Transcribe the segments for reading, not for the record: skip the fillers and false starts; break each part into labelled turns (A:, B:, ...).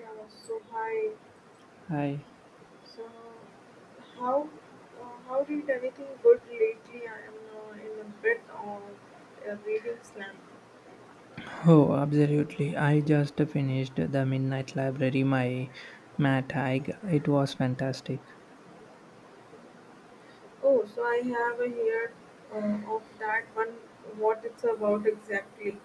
A: Yeah. So hi.
B: Hi.
A: So how uh, how did anything good lately? I am in a bit of a reading slump.
B: Oh, absolutely. I just finished The Midnight Library by Matt Haig. It was fantastic.
A: Oh, so I have a heard of that one. What it's about exactly?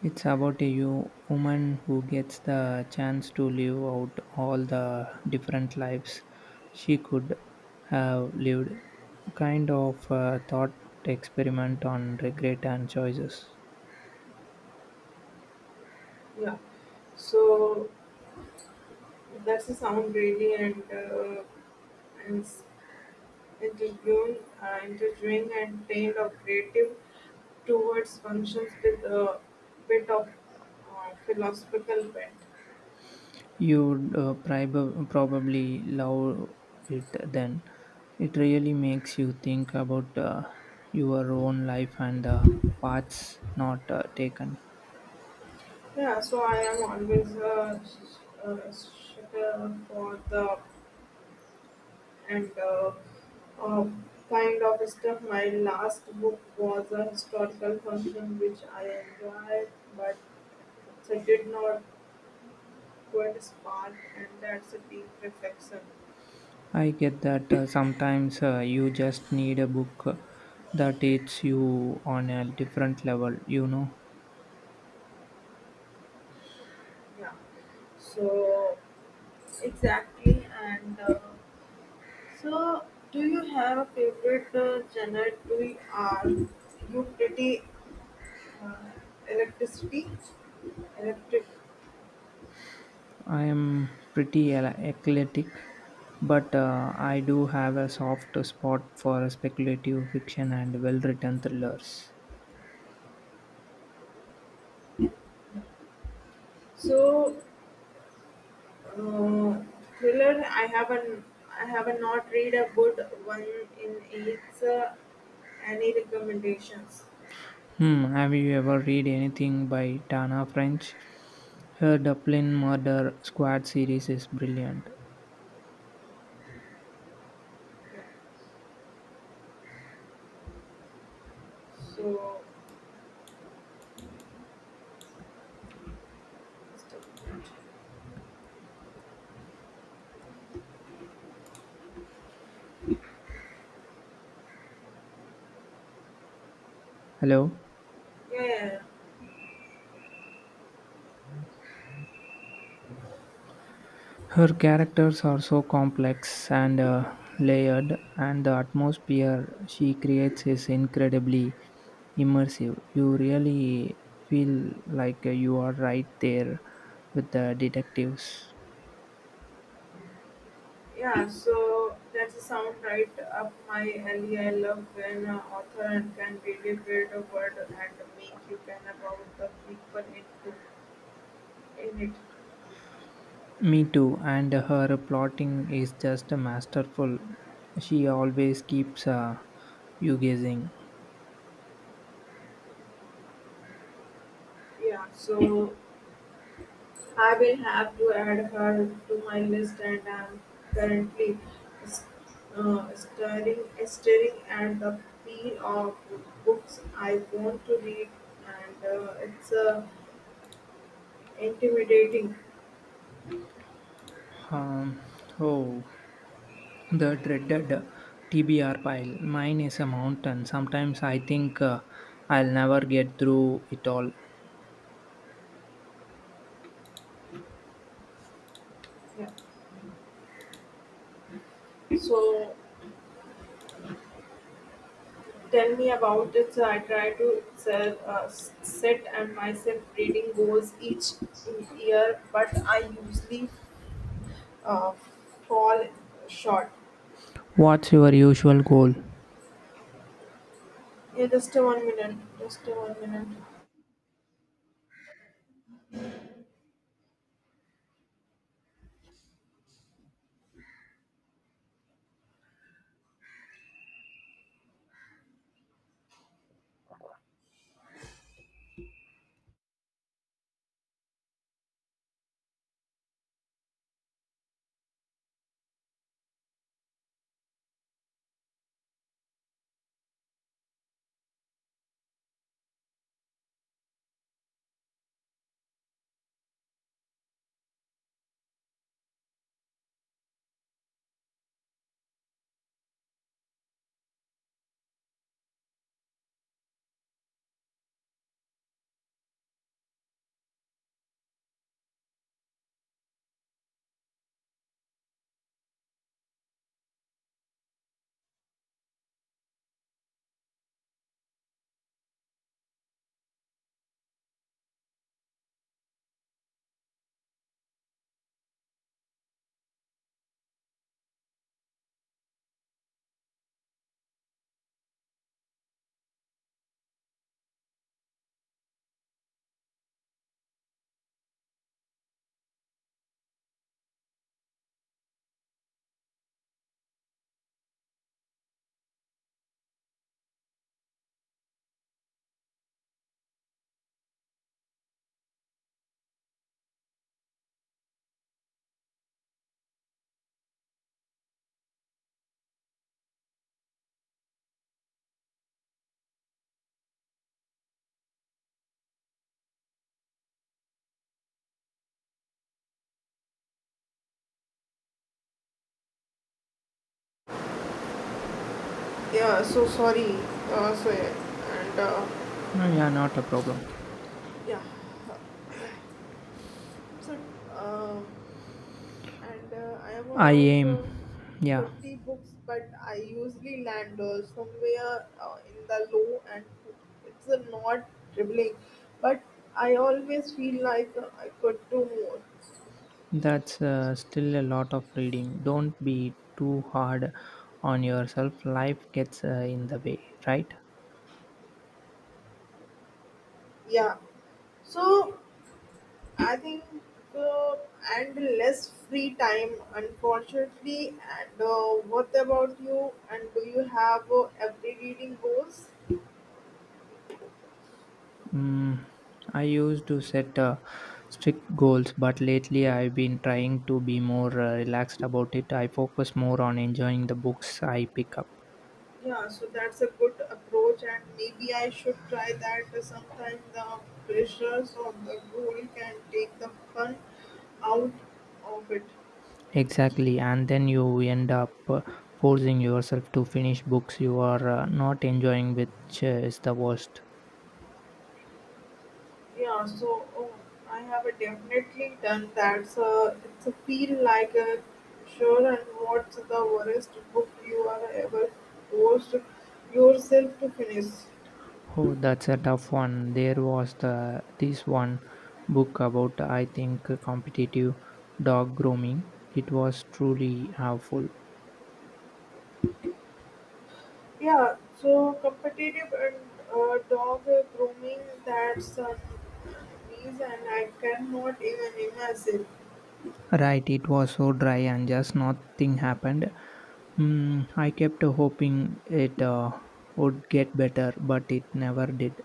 B: It's about a woman who gets the chance to live out all the different lives she could have lived. Kind of a thought experiment on regret and choices.
A: Yeah. So that's a sound really and interviewing and trained operative towards functions with a bit of philosophical bent.
B: You would probably love it then. It really makes you think about your own life and the paths not taken.
A: Yeah, so I am always a sucker for the and uh, kind of stuff. My last book was a historical function which I enjoyed, but it did not quite spark, and that's a deep reflection.
B: I get that sometimes you just need a book that hits you on a different level.
A: Yeah, so exactly. So, do you have a favorite genre? Do you, are you pretty uh, electricity? Electric.
B: I am pretty eclectic, but I do have a soft spot for speculative fiction and well written thrillers.
A: So, uh, thriller. I have not read a good one in its any recommendations.
B: Hmm, have you ever read anything by Tana French? Her Dublin Murder Squad series is brilliant.
A: Yeah. So
B: Hello.
A: yeah, yeah,
B: Her characters are so complex and layered, and the atmosphere she creates is incredibly immersive. You really feel like you are right there with the detectives.
A: yeah. So that's a sound right up my alley. I love when author and can really build a world and make you can about the people into in it.
B: Me too, and her plotting is just masterful. She always keeps you guessing.
A: Yeah. Yeah. So I will have to add her to my list, and I'm currently s- uh, staring, staring at the pile of books I want to read, and it's intimidating.
B: Um, oh, the dreaded TBR pile. Mine is a mountain. Sometimes I think I'll never get through it all.
A: Yeah. So tell me about it. So I try to sell, uh, s- set and myself reading goals each year, but I usually uh, fall short.
B: What's your usual goal?
A: Yeah, just a 1 minute. Just a 1 minute. Yeah, so sorry. So yeah, and
B: Oh, yeah, not a problem.
A: yeah, so um, and I have
B: I
A: around
B: aim. Yeah,
A: 50 books, but I usually land somewhere in the low, and it's not dribbling, but I always feel like I could do more.
B: that's still a lot of reading. Don't be too hard on yourself. Life gets in the way, right?
A: Yeah, so I think uh, and less free time, unfortunately. And what about you? And do you have every reading goals?
B: Mm, I used to set strict goals, but lately I've been trying to be more relaxed about it. I focus more on enjoying the books I pick up.
A: Yeah, so that's a good approach, and maybe I should try that. Sometimes the pressures of the goal can take the fun out of it.
B: Exactly, and then you end up forcing yourself to finish books you are not enjoying, which is the worst.
A: Yeah, so oh, I have definitely done that. So it's a feel like a sure. And what's the worst book you are ever forced yourself to finish?
B: Oh, that's a tough one. There was the this one book about I think competitive dog grooming. It was truly helpful.
A: Yeah, so competitive and dog grooming, that's a reason I cannot even imagine.
B: Right, it was so dry and just nothing happened. Mm, I kept hoping it would get better, but it never did.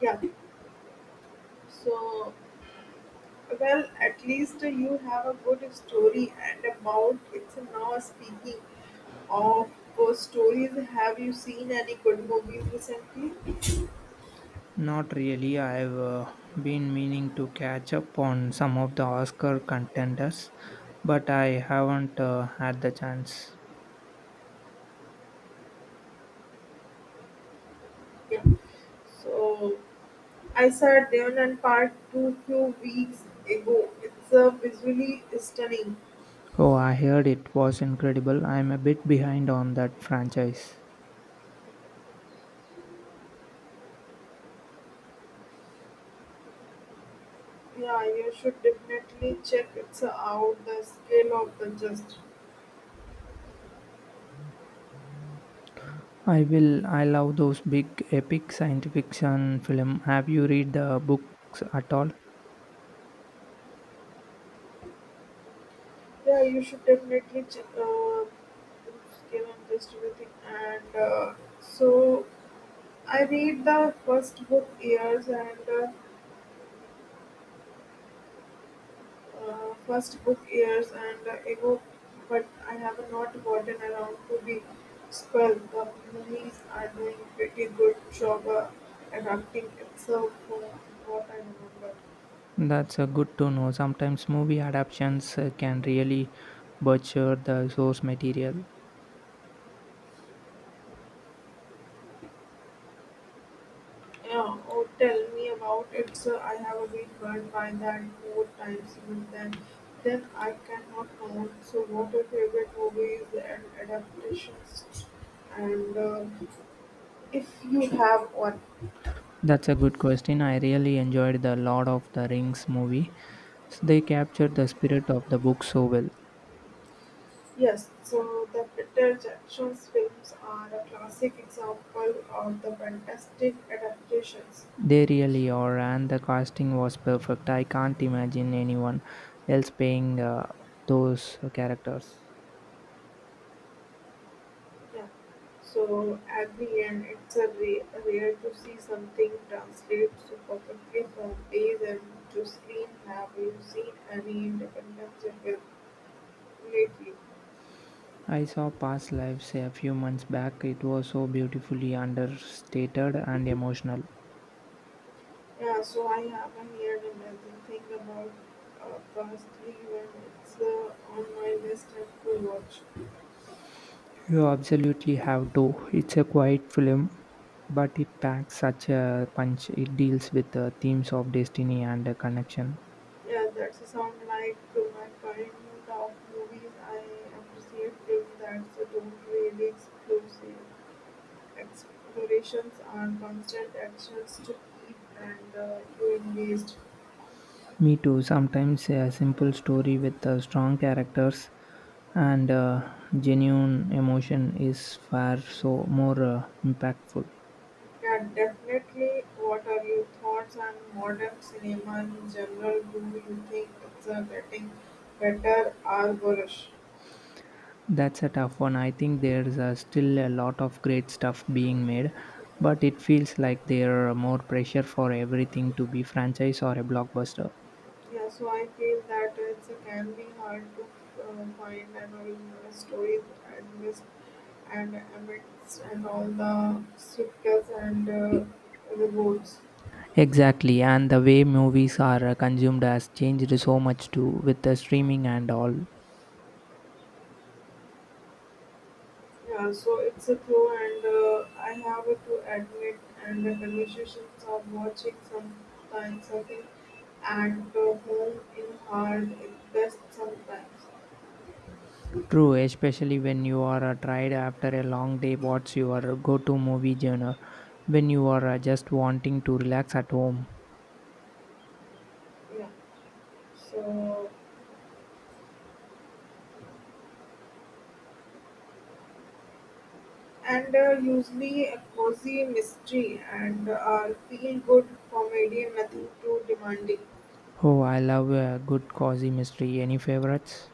A: Yeah, so well, at least you have a good story and about it's now speaking of ghost stories. Have you seen any good movies recently?
B: Not really. I've been meaning to catch up on some of the Oscar contenders, but I haven't had the chance.
A: Yeah, so I saw Demon and Part 2 few weeks ago. It's visually stunning.
B: Oh, I heard it was incredible. I'm a bit behind on that franchise.
A: Yeah, you should definitely check it's out the scale of the just.
B: I will. I love those big epic science fiction film. Have you read the books at all?
A: Yeah, you should definitely check the scale and just everything. And so I read the first book years and ago, but I have not gotten around to the spell. The movies are doing pretty good job adapting itself from what I remember.
B: That's a good to know. Sometimes movie adaptations can really butcher the source material.
A: Yeah, oh, tell me about it, sir. I have been burned by that more times even than then I cannot count. So, what your favorite movies and adaptations? And if you have one,
B: That's a good question. I really enjoyed the Lord of the Rings movie. They captured the spirit of the book so well.
A: yes. So, the Peter Jackson's films are a classic example of the fantastic adaptations.
B: They really are, and the casting was perfect. I can't imagine anyone else playing those characters.
A: Yeah. So at the end, it's a rare, rare to see something translate so perfectly from plays and to screen. Have you seen any independent film lately?
B: I saw Past Lives a few months back. It was so beautifully understated and emotional.
A: Yeah, so I haven't heard another thing about Fast 3 when it's on my list and to watch.
B: You absolutely have to. It's a quiet film, but it packs such a punch. It deals with the themes of destiny and connection.
A: Yeah, that's a sound like to my kind of movies. I appreciate films that's don't really explosive. Explorations and constant actions to keep and you engaged.
B: Me too. Sometimes a simple story with strong characters and genuine emotion is far so more impactful.
A: Yeah, definitely. What are your thoughts on modern cinema in general? Do you think it's getting better or worse?
B: That's a tough one. I think there's still a lot of great stuff being made, but it feels like there are more pressure for everything to be franchise or a blockbuster.
A: Yeah, so I feel that it's, it can be hard to find an original story amidst amidst and all the sequels and reboots.
B: Exactly, and the way movies are consumed has changed so much too with the streaming and all.
A: Yeah, so it's a clue, and I have to admit, and the conversations of watching sometimes something at home in hard it best sometimes.
B: True, especially when you are tired after a long day, what's your go to movie genre when you are just wanting to relax at home?
A: Yeah, so and usually a cozy mystery and feel good comedy, nothing too demanding.
B: Oh, I love a good cozy mystery. Any favorites?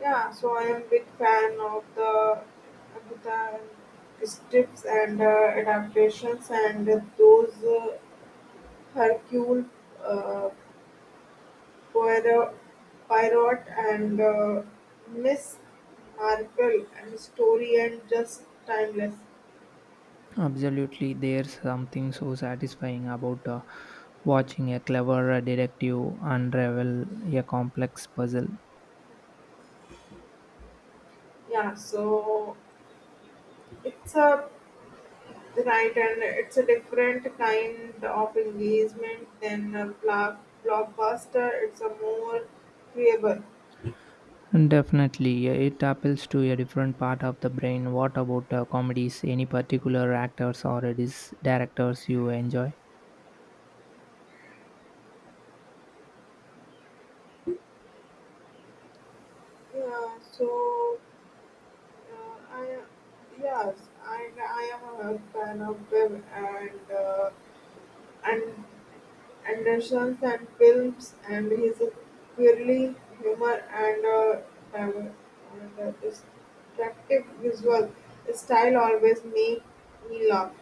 A: Yeah, so I am big fan of the Agatha Christie's and adaptations and those. Hercule uh, Poirot Poirot and Miss Marple, and story and just timeless.
B: Absolutely, there's something so satisfying about watching a clever detective unravel a complex puzzle.
A: Yeah, so it's a right, and it's a different kind of engagement than a blockbuster. It's a more viewable.
B: Definitely, it appeals to a different part of the brain. What about comedies? Any particular actors or directors you enjoy?
A: Yeah, so I yes, I am a fan of them and. And Anderson's and films, and his quirky humor and diver- and a distinctive visual style always make me laugh.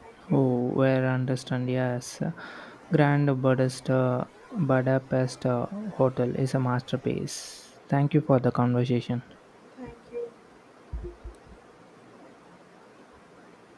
A: Thank you.
B: Oh, where understand? Yes, Grand Budapest, uh, Budapest Hotel is a masterpiece. Thank you
A: Yeah.
B: for the conversation.
A: Thank you.